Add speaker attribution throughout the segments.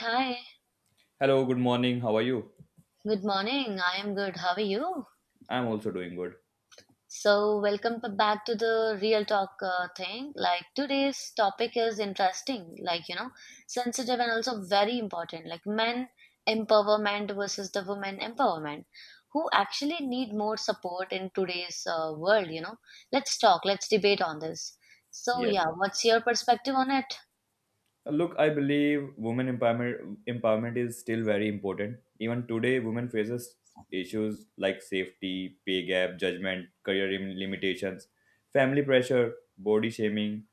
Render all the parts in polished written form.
Speaker 1: Hi,
Speaker 2: Hello, good morning. How are you?
Speaker 1: good morning. I am good. How are you?
Speaker 2: I'm also doing good.
Speaker 1: So, welcome back to the real talk thing. Like today's topic is interesting, like you know, sensitive and also very important. Like men empowerment versus the women empowerment. Who actually need more support in today's world? You know, let's talk. Let's debate on this. So,
Speaker 2: Yes.
Speaker 1: yeah, what's your perspective on it?
Speaker 2: Look, I believe women empowerment is still very important. Even today, women faces issues like safety, pay gap, judgment, career limitations, family pressure, body shaming.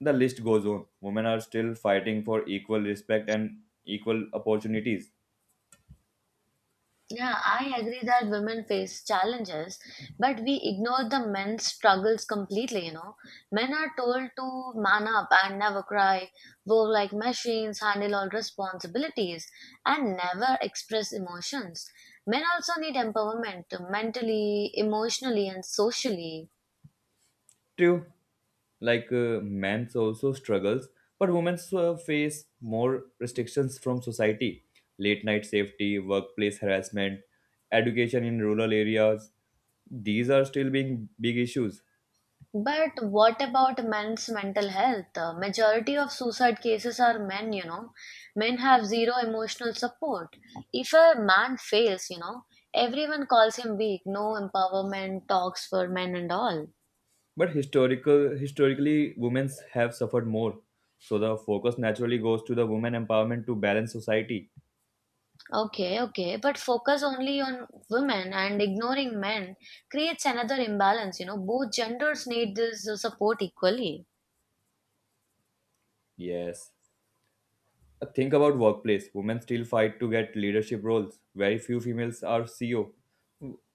Speaker 2: The list goes on. Women are still fighting for equal respect and equal opportunities.
Speaker 1: Yeah, I agree that women face challenges, but we ignore the men's struggles completely, you know. Men are told to man up and never cry, work like machines, handle all responsibilities, and never express emotions. Men also need empowerment mentally, emotionally, and socially.
Speaker 2: True, like men also struggles, but women face more restrictions from society. Late night safety, workplace harassment, education in rural areas. These are still being big issues.
Speaker 1: But what about men's mental health? Majority of suicide cases are men, you know. Men have zero emotional support. If a man fails, you know, everyone calls him weak. No empowerment talks for men and all.
Speaker 2: But historically women have suffered more. So the focus naturally goes to the women empowerment to balance society.
Speaker 1: Okay, okay, but focus only on women and ignoring men creates another imbalance. You know, both genders need this support equally.
Speaker 2: Yes. Think about workplace. Women still fight to get leadership roles. Very few females are CEO.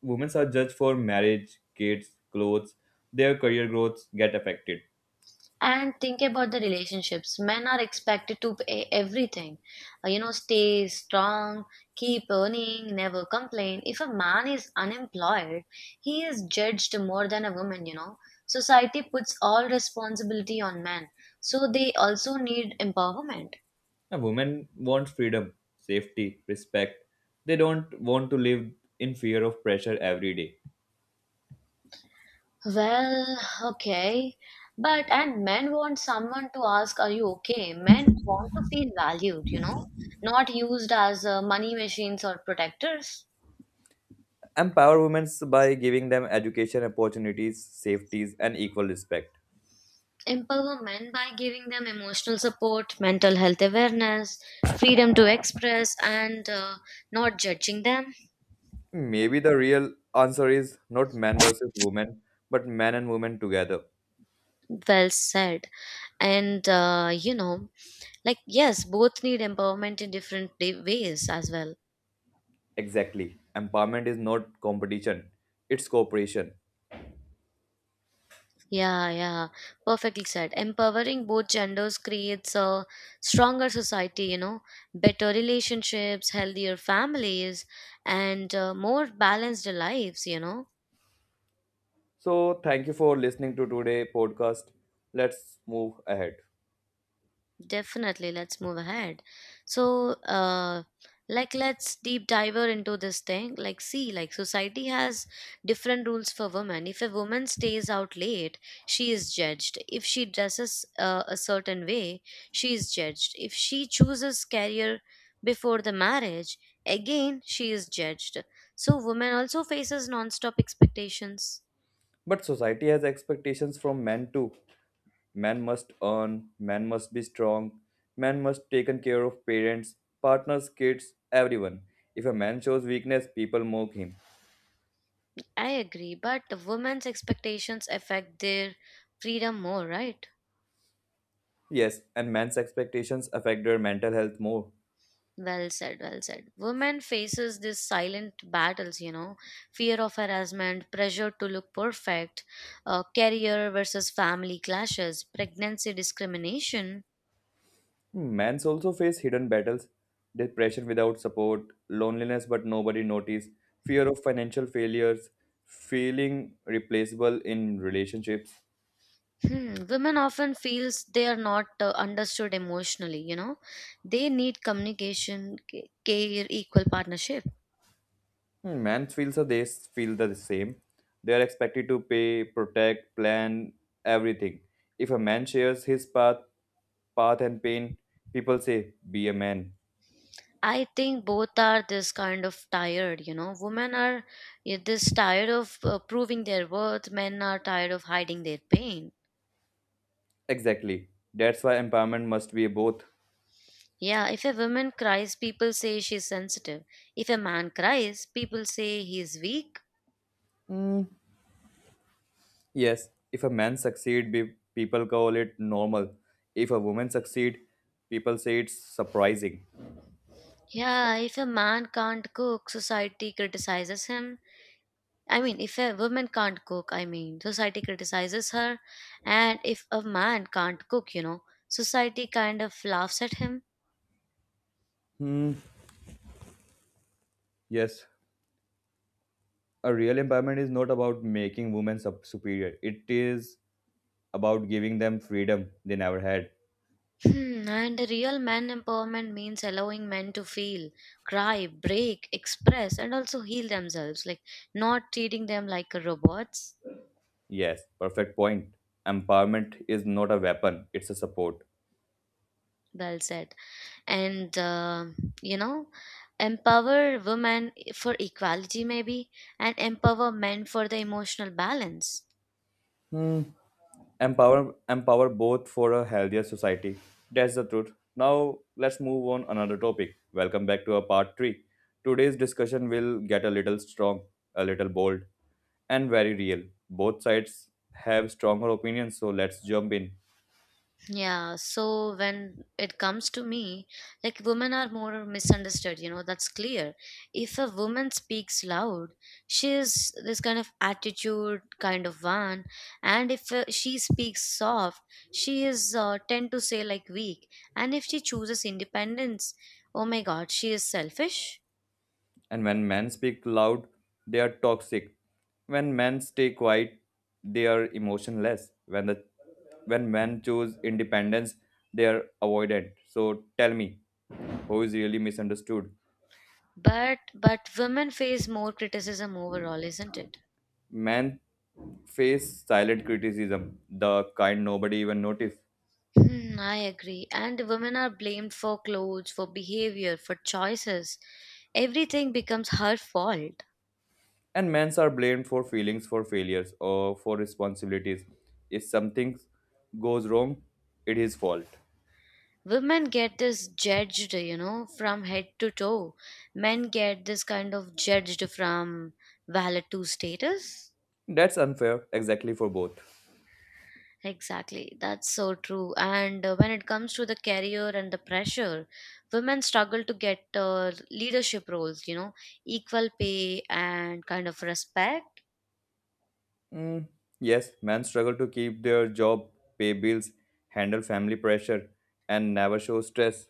Speaker 2: Women are judged for marriage, kids, clothes. Their career growths get affected.
Speaker 1: And think about the relationships. Men are expected to pay everything. You know, stay strong, keep earning, never complain. If a man is unemployed, he is judged more than a woman, you know. Society puts all responsibility on men. So they also need empowerment.
Speaker 2: A woman wants freedom, safety, respect. They don't want to live in fear of pressure every day.
Speaker 1: Well, okay. But, and men want someone to ask, are you okay? Men want to feel valued, you know, not used as money machines or protectors.
Speaker 2: Empower women by giving them education opportunities, safeties, and equal respect.
Speaker 1: Empower men by giving them emotional support, mental health awareness, freedom to express, and not judging them.
Speaker 2: Maybe the real answer is not man versus woman, but man and woman together.
Speaker 1: Well said. And, you know, like, yes, both need empowerment in different ways as well.
Speaker 2: Exactly. Empowerment is not competition, it's cooperation.
Speaker 1: Yeah, yeah, perfectly said. Empowering both genders creates a stronger society, you know, better relationships, healthier families, and more balanced lives, you know.
Speaker 2: So, thank you for listening to today' podcast. Let's move ahead.
Speaker 1: Definitely, let's move ahead. So, like, let's deep diver into this thing. Like, see, like, society has different rules for women. If a woman stays out late, she is judged. If she dresses a certain way, she is judged. If she chooses career before the marriage, again, she is judged. So, women also faces non-stop expectations.
Speaker 2: But society has expectations from men too. Men must earn, men must be strong, men must taken care of parents, partners, kids, everyone. If a man shows weakness, people mock him.
Speaker 1: I agree, but the women's expectations affect their freedom more, right?
Speaker 2: Yes, and men's expectations affect their mental health more.
Speaker 1: Well said, well said. Women faces these silent battles, you know, fear of harassment, pressure to look perfect, career versus family clashes, pregnancy discrimination.
Speaker 2: Mans also face hidden battles, depression without support, loneliness but nobody notice, fear of financial failures, feeling replaceable in relationships.
Speaker 1: Hmm. Women often feels they are not understood emotionally, you know. They need communication, care, equal partnership.
Speaker 2: Hmm, men feels so they feel the same. They are expected to pay, protect, plan everything. If a man shares his path and pain, people say, "Be a man."
Speaker 1: I think both are this kind of tired, you know. Women are this tired of proving their worth, men are tired of hiding their pain.
Speaker 2: Exactly. That's why empowerment must be both.
Speaker 1: Yeah, if a woman cries, people say she's sensitive. If a man cries, people say he's weak.
Speaker 2: Hmm, yes, if a man succeed, people call it normal. If a woman succeed, people say it's surprising.
Speaker 1: Yeah, if a man can't cook, society criticizes him. I mean, if a woman can't cook, I mean, society criticizes her. And if a man can't cook, you know, society kind of laughs at him.
Speaker 2: Hmm. Yes, a real empowerment is not about making women superior. It is about giving them freedom they never had.
Speaker 1: Hmm, and real men empowerment means allowing men to feel, cry, break, express, and also heal themselves, like not treating them like robots.
Speaker 2: Yes, perfect point. Empowerment is not a weapon; it's a support.
Speaker 1: Well said. And you know, empower women for equality maybe, and empower men for the emotional balance.
Speaker 2: Hmm. Empower both for a healthier society. That's the truth. Now let's move on another topic. Welcome back to our part three. Today's discussion will get a little strong, a little bold, and very real. Both sides have stronger opinions, so let's jump in.
Speaker 1: Yeah, so when it comes to me, like women are more misunderstood, you know, that's clear. If a woman speaks loud, she is this kind of attitude kind of one, and if she speaks soft, she is tend to say like weak, and if she chooses independence, oh my god, she is selfish.
Speaker 2: And when men speak loud, they are toxic. When men stay quiet, they are emotionless. When men choose independence, they are avoidant. So tell me, who is really misunderstood?
Speaker 1: But women face more criticism overall, isn't it?
Speaker 2: Men face silent criticism, the kind nobody even notice.
Speaker 1: Hmm, I agree. And women are blamed for clothes, for behavior, for choices. Everything becomes her fault.
Speaker 2: And men are blamed for feelings, for failures, or for responsibilities. If something goes wrong, it is fault.
Speaker 1: Women get this judged, you know, from head to toe. Men get this kind of judged from valid to status.
Speaker 2: That's unfair, exactly for both.
Speaker 1: Exactly. That's so true. And when it comes to the career and the pressure, women struggle to get leadership roles, you know, equal pay and kind of respect.
Speaker 2: Mm, yes, men struggle to keep their job, pay bills, handle family pressure, and never show stress.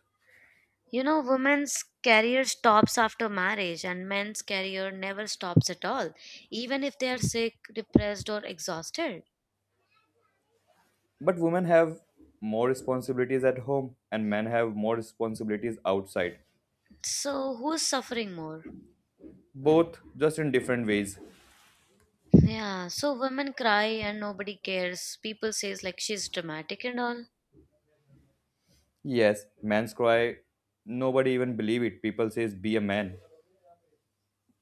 Speaker 1: You know, women's career stops after marriage and men's career never stops at all, even if they are sick, depressed, or exhausted.
Speaker 2: But women have more responsibilities at home, and men have more responsibilities outside.
Speaker 1: So, who's suffering more?
Speaker 2: Both just in different ways.
Speaker 1: Yeah, so women cry and nobody cares. People says like she's dramatic and all.
Speaker 2: Yes, man's cry. Nobody even believe it. People says be a man.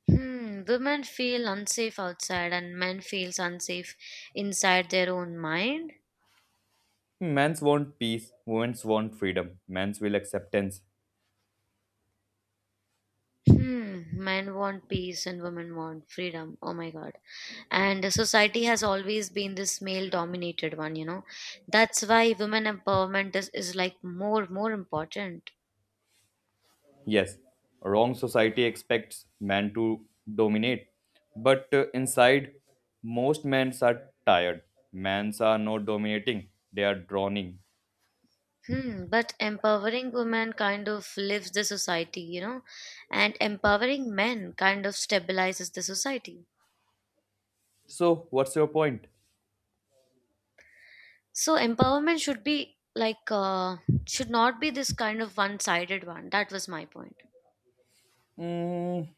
Speaker 1: Hmm, women feel unsafe outside and men feels unsafe inside their own mind.
Speaker 2: Men's want peace. Women's want freedom. Men's will acceptance.
Speaker 1: Hmm, men want peace and women want freedom. Oh my god. And society has always been this male dominated one, you know. That's why women empowerment is like more important.
Speaker 2: Yes, wrong society expects men to dominate. But inside, most men's are tired. Men's are not dominating. They are drowning.
Speaker 1: Hmm, but empowering women kind of lifts the society, you know, and empowering men kind of stabilizes the society.
Speaker 2: So, what's your point?
Speaker 1: So empowerment should be like should not be this kind of one sided one. That was my point.
Speaker 2: Mm,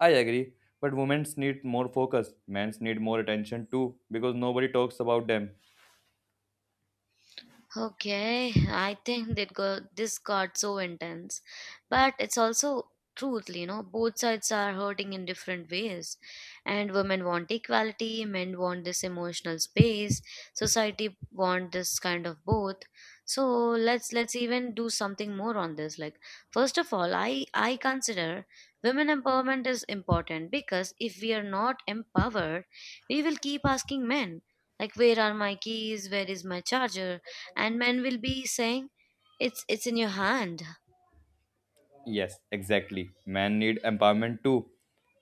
Speaker 2: I agree. But women's need more focus. Men's need more attention too because nobody talks about them.
Speaker 1: Okay, I think this got so intense. But it's also truth, you know, both sides are hurting in different ways. And women want equality, men want this emotional space, society want this kind of both. So let's even do something more on this. Like first of all, I consider women empowerment is important because if we are not empowered, we will keep asking men like where are my keys, where is my charger, and men will be saying it's in your hand.
Speaker 2: Yes, exactly. Men need empowerment too,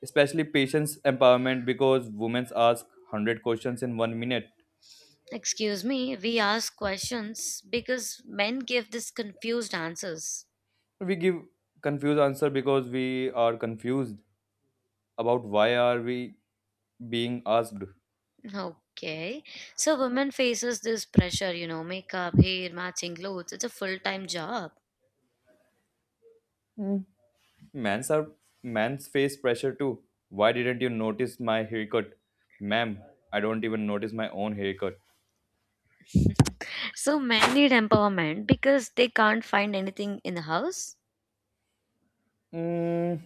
Speaker 2: especially patience empowerment because women ask 100 questions in 1 minute.
Speaker 1: Excuse me, we ask questions because men give this confused answers.
Speaker 2: We give confused answer because we are confused about why are we being asked.
Speaker 1: Okay, so women faces this pressure, you know, makeup hair matching clothes, it's a full-time job.
Speaker 2: Men's are Men's face pressure too. Why didn't you notice my haircut? Ma'am, I don't even notice my own haircut.
Speaker 1: So men need empowerment because they can't find anything in the house.
Speaker 2: Mm,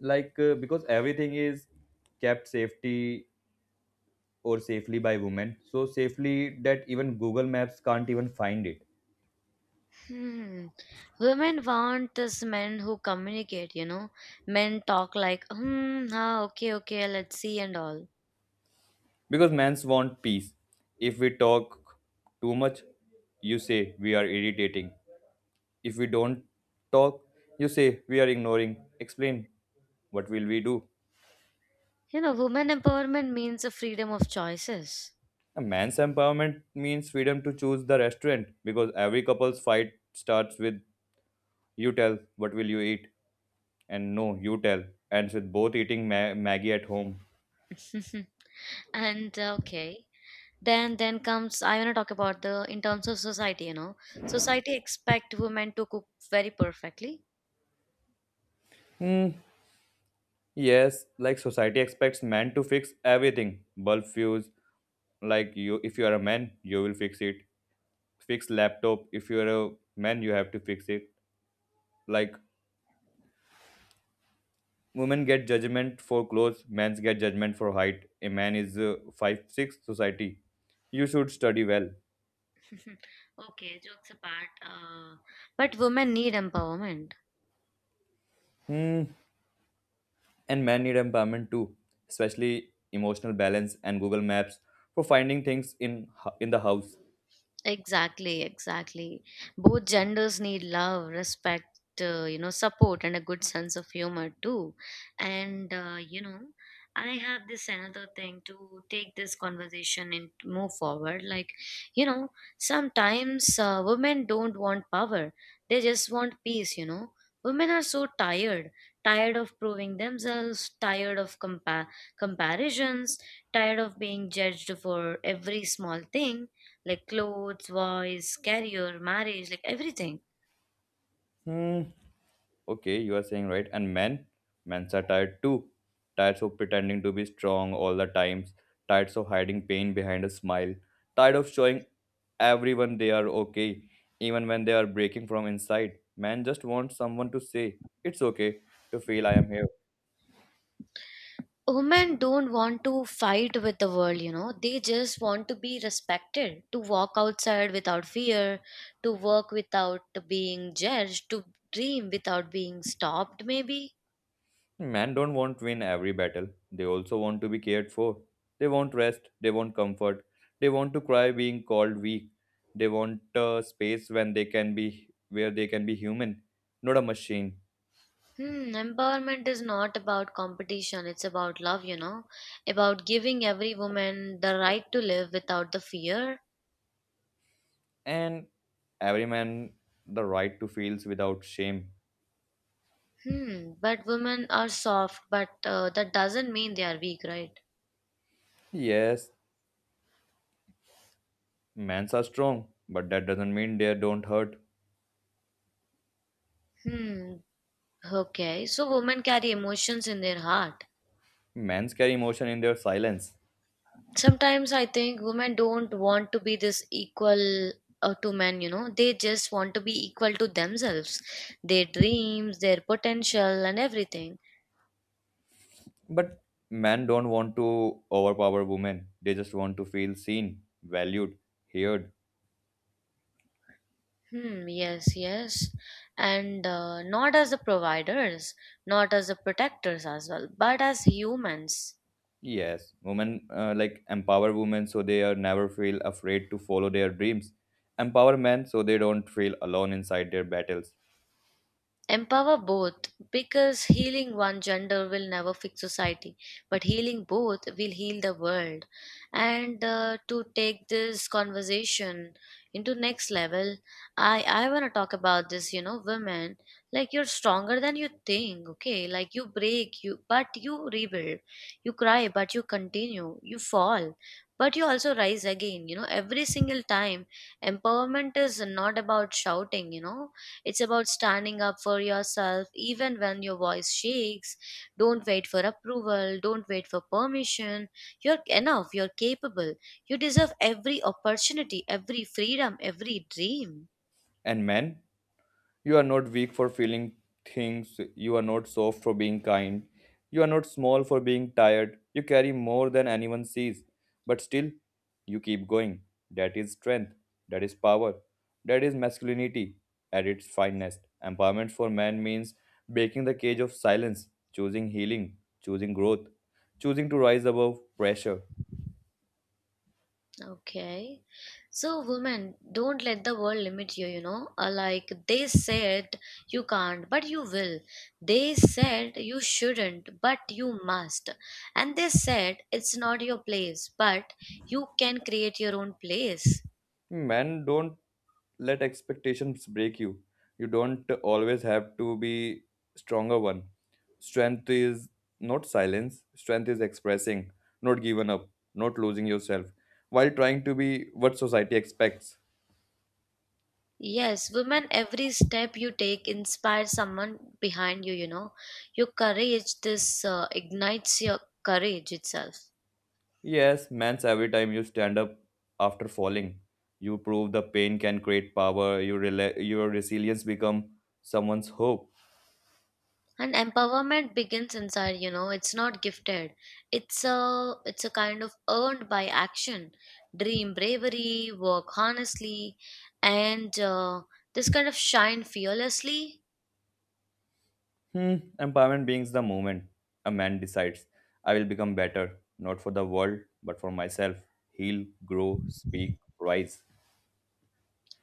Speaker 2: like because everything is kept safety or safely by women, so safely that even Google Maps can't even find it.
Speaker 1: Hmm. Women want this men who communicate, you know. Men talk like, hmm, ah, okay, okay, let's see and all.
Speaker 2: Because men's want peace, if we talk too much, you say we are irritating. If we don't talk, you say we are ignoring. Explain, what will we do?
Speaker 1: You know, women empowerment means the freedom of choices.
Speaker 2: A man's empowerment means freedom to choose the restaurant, because every couple's fight starts with, "You tell, what will you eat?" And, "No, you tell." Ends with both eating maggie at home.
Speaker 1: And okay, then comes I want to talk about the in terms of society. You know, society expect women to cook very perfectly.
Speaker 2: Hmm. Yes, like society expects men to fix everything. Bulb fuse, like you, if you are a man, you will fix it. Fix laptop, if you are a man, you have to fix it. Like women get judgment for clothes, men get judgment for height. A man is 5'6". Society, you should study well.
Speaker 1: Okay, jokes apart. But women need empowerment.
Speaker 2: Hmm. And men need empowerment too, especially emotional balance and Google Maps for finding things in in the house.
Speaker 1: Exactly, exactly. Both genders need love, respect, you know, support, and a good sense of humor too. And you know, I have this another thing to take this conversation and move forward. Like, you know, sometimes women don't want power; they just want peace. You know, women are so tired, tired of proving themselves, tired of comparisons, tired of being judged for every small thing like clothes, voice, career, marriage, like everything.
Speaker 2: Hmm. Okay, you are saying right. And men are tired too. Tired of pretending to be strong all the times. Tired of hiding pain behind a smile. Tired of showing everyone they are okay, even when they are breaking from inside. Men just want someone to say, "It's okay to feel. I am here."
Speaker 1: Women don't want to fight with the world, you know. They just want to be respected, to walk outside without fear, to work without being judged, to dream without being stopped, maybe.
Speaker 2: Men don't want to win every battle. They also want to be cared for. They want rest. They want comfort. They want to cry being called weak. They want a space when they can be where they can be human, not a machine.
Speaker 1: Hmm, empowerment is not about competition, it's about love, you know, about giving every woman the right to live without the fear.
Speaker 2: And every man the right to feels without shame.
Speaker 1: Hmm, but women are soft, but that doesn't mean they are weak, right?
Speaker 2: Yes, men are strong, but that doesn't mean they don't hurt.
Speaker 1: Hmm, okay, so women carry emotions in their heart.
Speaker 2: Men carry emotion in their silence.
Speaker 1: Sometimes I think women don't want to be this equal to men, you know, they just want to be equal to themselves, their dreams, their potential, and everything.
Speaker 2: But men don't want to overpower women. They just want to feel seen, valued, heard.
Speaker 1: Hmm, yes, yes. And not as the providers, not as the protectors as well, but as humans.
Speaker 2: Yes, women like empower women so they are never feel afraid to follow their dreams. Empower men so they don't feel alone inside their battles.
Speaker 1: Empower both because healing one gender will never fix society, but healing both will heal the world. And to take this conversation into next level, I want to talk about this. You know, women, like you're stronger than you think. Okay, like you break you, but you rebuild. You cry, but you continue. You fall. But you also rise again, you know, every single time. Empowerment is not about shouting, you know, it's about standing up for yourself even when your voice shakes. Don't wait for approval. Don't wait for permission. You're enough. You're capable. You deserve every opportunity, every freedom, every dream.
Speaker 2: And men, you are not weak for feeling things. You are not soft for being kind. You are not small for being tired. You carry more than anyone sees. But still, you keep going. That is strength. That is power. That is masculinity at its finest. Empowerment for man means breaking the cage of silence, choosing healing, choosing growth, choosing to rise above pressure.
Speaker 1: Okay. So, women, don't let the world limit you, you know. Like they said, you can't, but you will. They said you shouldn't, but you must. And they said it's not your place, but you can create your own place.
Speaker 2: Men, don't let expectations break you. You don't always have to be stronger one. Strength is not silence. Strength is expressing, not giving up, not losing yourself while trying to be what society expects.
Speaker 1: Yes, women, every step you take inspires someone behind you, you know. Your courage, this ignites your courage itself.
Speaker 2: Yes, man's every time you stand up after falling, you prove the pain can create power. Your resilience become someone's hope.
Speaker 1: And empowerment begins inside, you know. It's not gifted. It's a kind of earned by action. Dream bravery, work honestly, and this kind of shine fearlessly.
Speaker 2: Empowerment begins the moment a man decides, "I will become better, not for the world, but for myself. Heal, grow, speak, rise."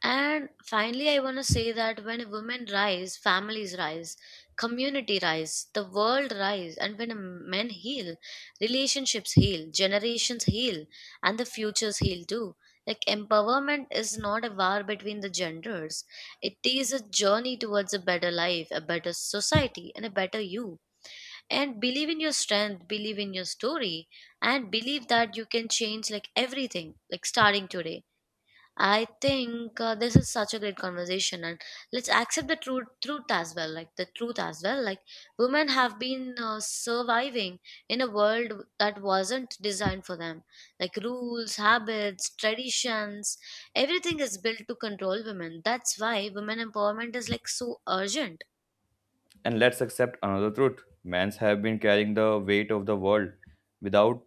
Speaker 1: And finally, I want to say that when women rise, families rise, community rise, the world rise, and when men heal, relationships heal, generations heal, and the futures heal too. Like empowerment is not a war between the genders. It is a journey towards a better life, a better society, and a better you. And believe in your strength, believe in your story, and believe that you can change like everything, like starting today. I think this is such a great conversation, and let's accept the truth, truth as well. Like the truth as well. Like women have been surviving in a world that wasn't designed for them. Like rules, habits, traditions, everything is built to control women. That's why women empowerment is like so urgent.
Speaker 2: And let's accept another truth. Men's have been carrying the weight of the world without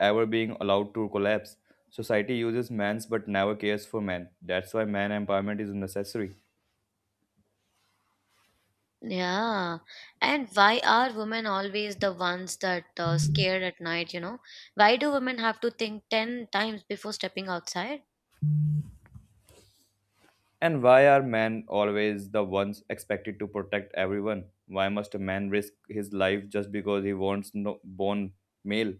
Speaker 2: ever being allowed to collapse. Society uses men's but never cares for men. That's why man empowerment is necessary.
Speaker 1: Yeah, and why are women always the ones that scared at night? Why do women have to think 10 times before stepping outside?
Speaker 2: And why are men always the ones expected to protect everyone? Why must a man risk his life just because he wants no born male?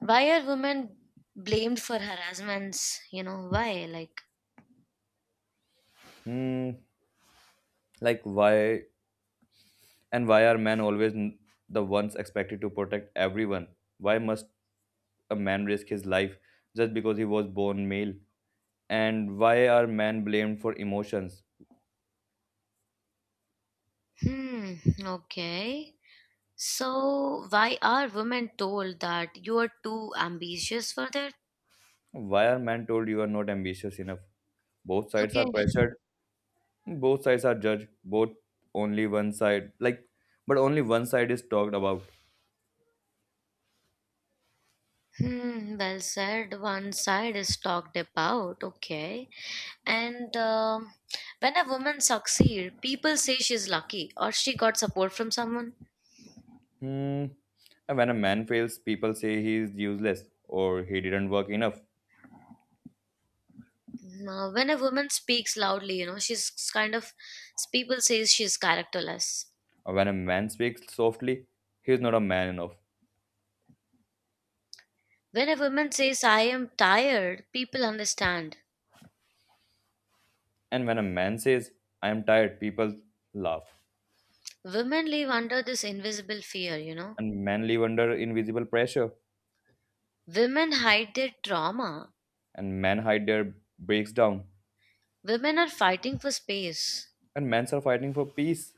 Speaker 1: Why are women blamed for harassments? You know, why?
Speaker 2: Hmm. Like, why? And why are men always the ones expected to protect everyone? Why must a man risk his life just because he was born male? And why are men blamed for emotions?
Speaker 1: Hmm, okay. So, why are women told that you are too ambitious for that?
Speaker 2: Why are men told you are not ambitious enough? Both sides
Speaker 1: Okay.
Speaker 2: are pressured, both sides are judged. Both only one side like but only one side is talked about.
Speaker 1: Hmm, well said. One side is talked about, okay. And when a woman succeeds, people say she's lucky or she got support from someone.
Speaker 2: Hmm. And when a man fails, people say he is useless or he didn't work enough.
Speaker 1: When a woman speaks loudly, you know, she's kind of people say she's characterless.
Speaker 2: When a man speaks softly, he is not a man enough.
Speaker 1: When a woman says, I am tired, people understand.
Speaker 2: And when a man says, "I am tired," people laugh.
Speaker 1: Women live under this invisible fear, you know.
Speaker 2: And men live under invisible pressure.
Speaker 1: Women hide their trauma.
Speaker 2: And men hide their breaks down.
Speaker 1: Women are fighting for space.
Speaker 2: And men are fighting for peace.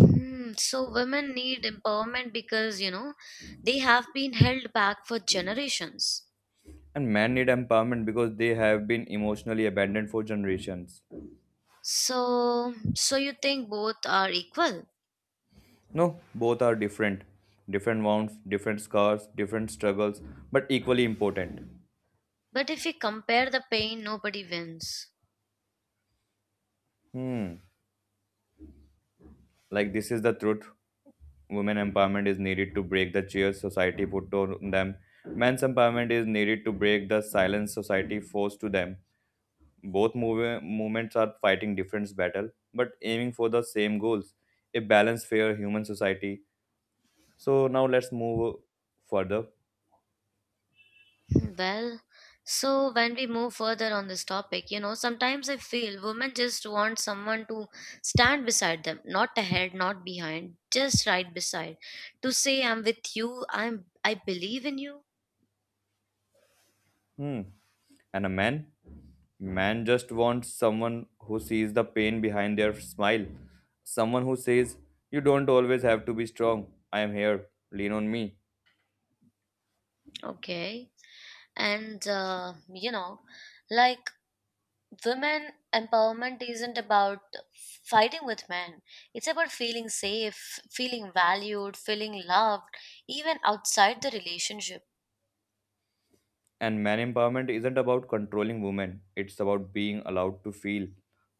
Speaker 1: Hmm, so, women need empowerment because, they have been held back for generations.
Speaker 2: And men need empowerment because they have been emotionally abandoned for generations.
Speaker 1: So you think both are equal.
Speaker 2: No, both are different. Different wounds, different scars, different struggles, but equally important.
Speaker 1: But if you compare the pain, nobody wins.
Speaker 2: Hmm, like, this is the truth. Women empowerment is needed to break the cheers society put on them. Men's empowerment is needed to break the silence society forced to them. Both movements are fighting different battle, but aiming for the same goals: a balanced, fair human society. So now let's move further.
Speaker 1: Well, so when we move further on this topic, you know, sometimes I feel women just want someone to stand beside them, not ahead, not behind, just right beside, to say, I'm with you, I believe in you.
Speaker 2: Hmm. And a man just wants someone who sees the pain behind their smile, someone who says, "You don't always have to be strong. I am here. Lean on me."
Speaker 1: Okay. And, you know, like women empowerment isn't about fighting with men, it's about feeling safe, feeling valued, feeling loved, even outside the relationship
Speaker 2: And man empowerment isn't about controlling women, it's about being allowed to feel,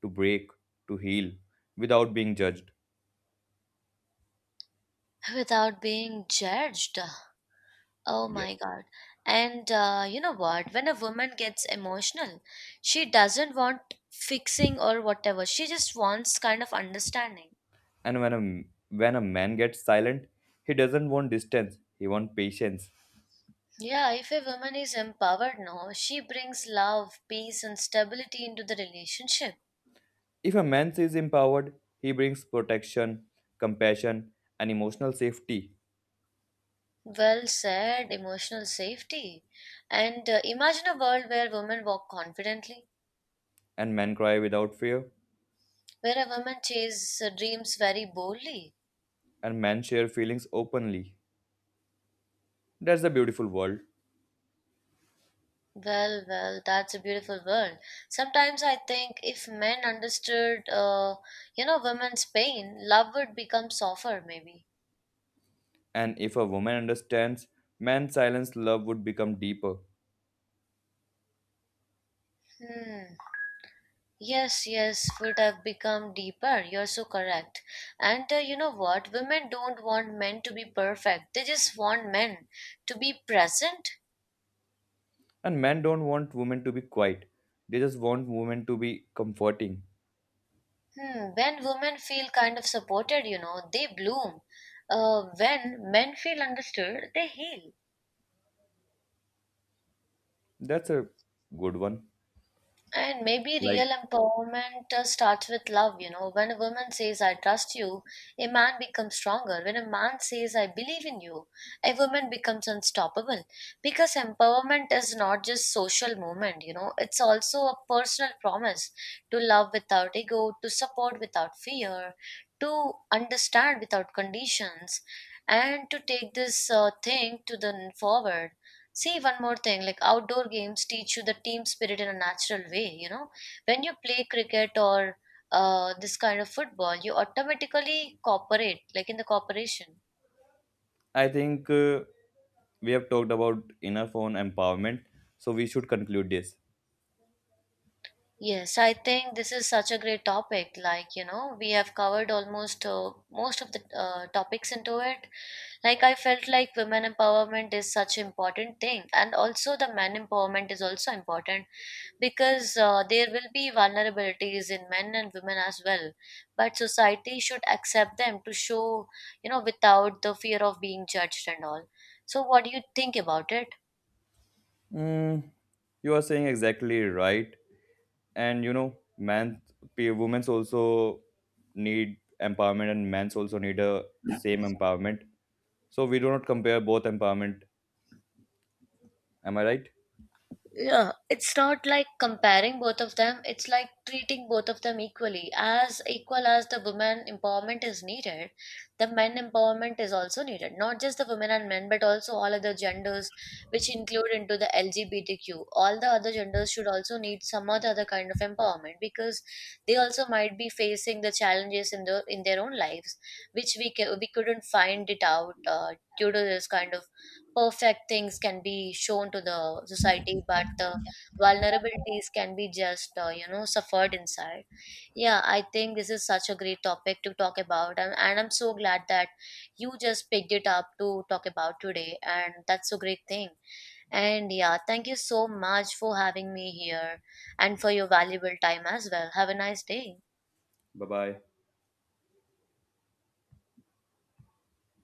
Speaker 2: to break, to heal without being judged.
Speaker 1: without being judged. Oh my
Speaker 2: Yes.
Speaker 1: God. And you know what? When a woman gets emotional, she doesn't want fixing or whatever. She just wants kind of understanding.
Speaker 2: And when when a man gets silent, he doesn't want distance, he wants patience.
Speaker 1: Yeah, if a woman is empowered now, she brings love, peace, and stability into the relationship.
Speaker 2: If a man is empowered, he brings protection, compassion, and emotional safety.
Speaker 1: Well said, emotional safety. And imagine a world where women walk confidently,
Speaker 2: And men cry without fear,
Speaker 1: where a woman chases dreams very boldly.
Speaker 2: and men share feelings openly. That's a beautiful world.
Speaker 1: Well, well, that's a beautiful world. Sometimes I think if men understood, you know, women's pain, love would become softer, maybe.
Speaker 2: And if a woman understands, man's silence love would become deeper.
Speaker 1: Hmm. Yes, yes, would have become deeper. You're so correct. And you know what? Women don't want men to be perfect. They just want men to be present.
Speaker 2: And men don't want women to be quiet. They just want women to be comforting.
Speaker 1: Hmm. When women feel kind of supported, you know, they bloom. When men feel understood, they heal.
Speaker 2: That's a good one.
Speaker 1: And maybe
Speaker 2: Like,
Speaker 1: real empowerment starts with love, you know. When a woman says, I trust you, a man becomes stronger. When a man says, I believe in you, a woman becomes unstoppable. Because empowerment is not just social movement, you know, it's also a personal promise to love without ego, to support without fear, to understand without conditions, and to take this thing forward. See, one more thing, like outdoor games teach you the team spirit in a natural way, you know. When you play cricket or this kind of football, you automatically cooperate, like in the cooperation.
Speaker 2: I think we have talked about enough on empowerment, so we should conclude this.
Speaker 1: Yes, I think this is such a great topic. Like, you know, we have covered almost most of the topics into it. Like, I felt like women empowerment is such an important thing, and also the men empowerment is also important because there will be vulnerabilities in men and women as well, but society should accept them to show, you know, without the fear of being judged and all. So what do you think about it?
Speaker 2: Mm, you are saying exactly right. And women's also need empowerment, and men's also need a same empowerment. So we do not compare both empowerment. Am I right?
Speaker 1: Yeah, it's not like comparing both of them, it's like treating both of them equally. As equal as the women empowerment is needed, the men empowerment is also needed, not just the women and men but also all other genders, which include into the LGBTQ. All the other genders should also need some or the other kind of empowerment because they also might be facing the challenges in their own lives, which we couldn't find it out due to this kind of perfect things can be shown to the society but the vulnerabilities can be just you know suffered inside. Yeah, I think this is such a great topic to talk about, and I'm so glad that you just picked it up to talk about today, and that's a great thing. And yeah, thank you so much for having me here and for your valuable time as well. Have a nice day.
Speaker 2: Bye bye.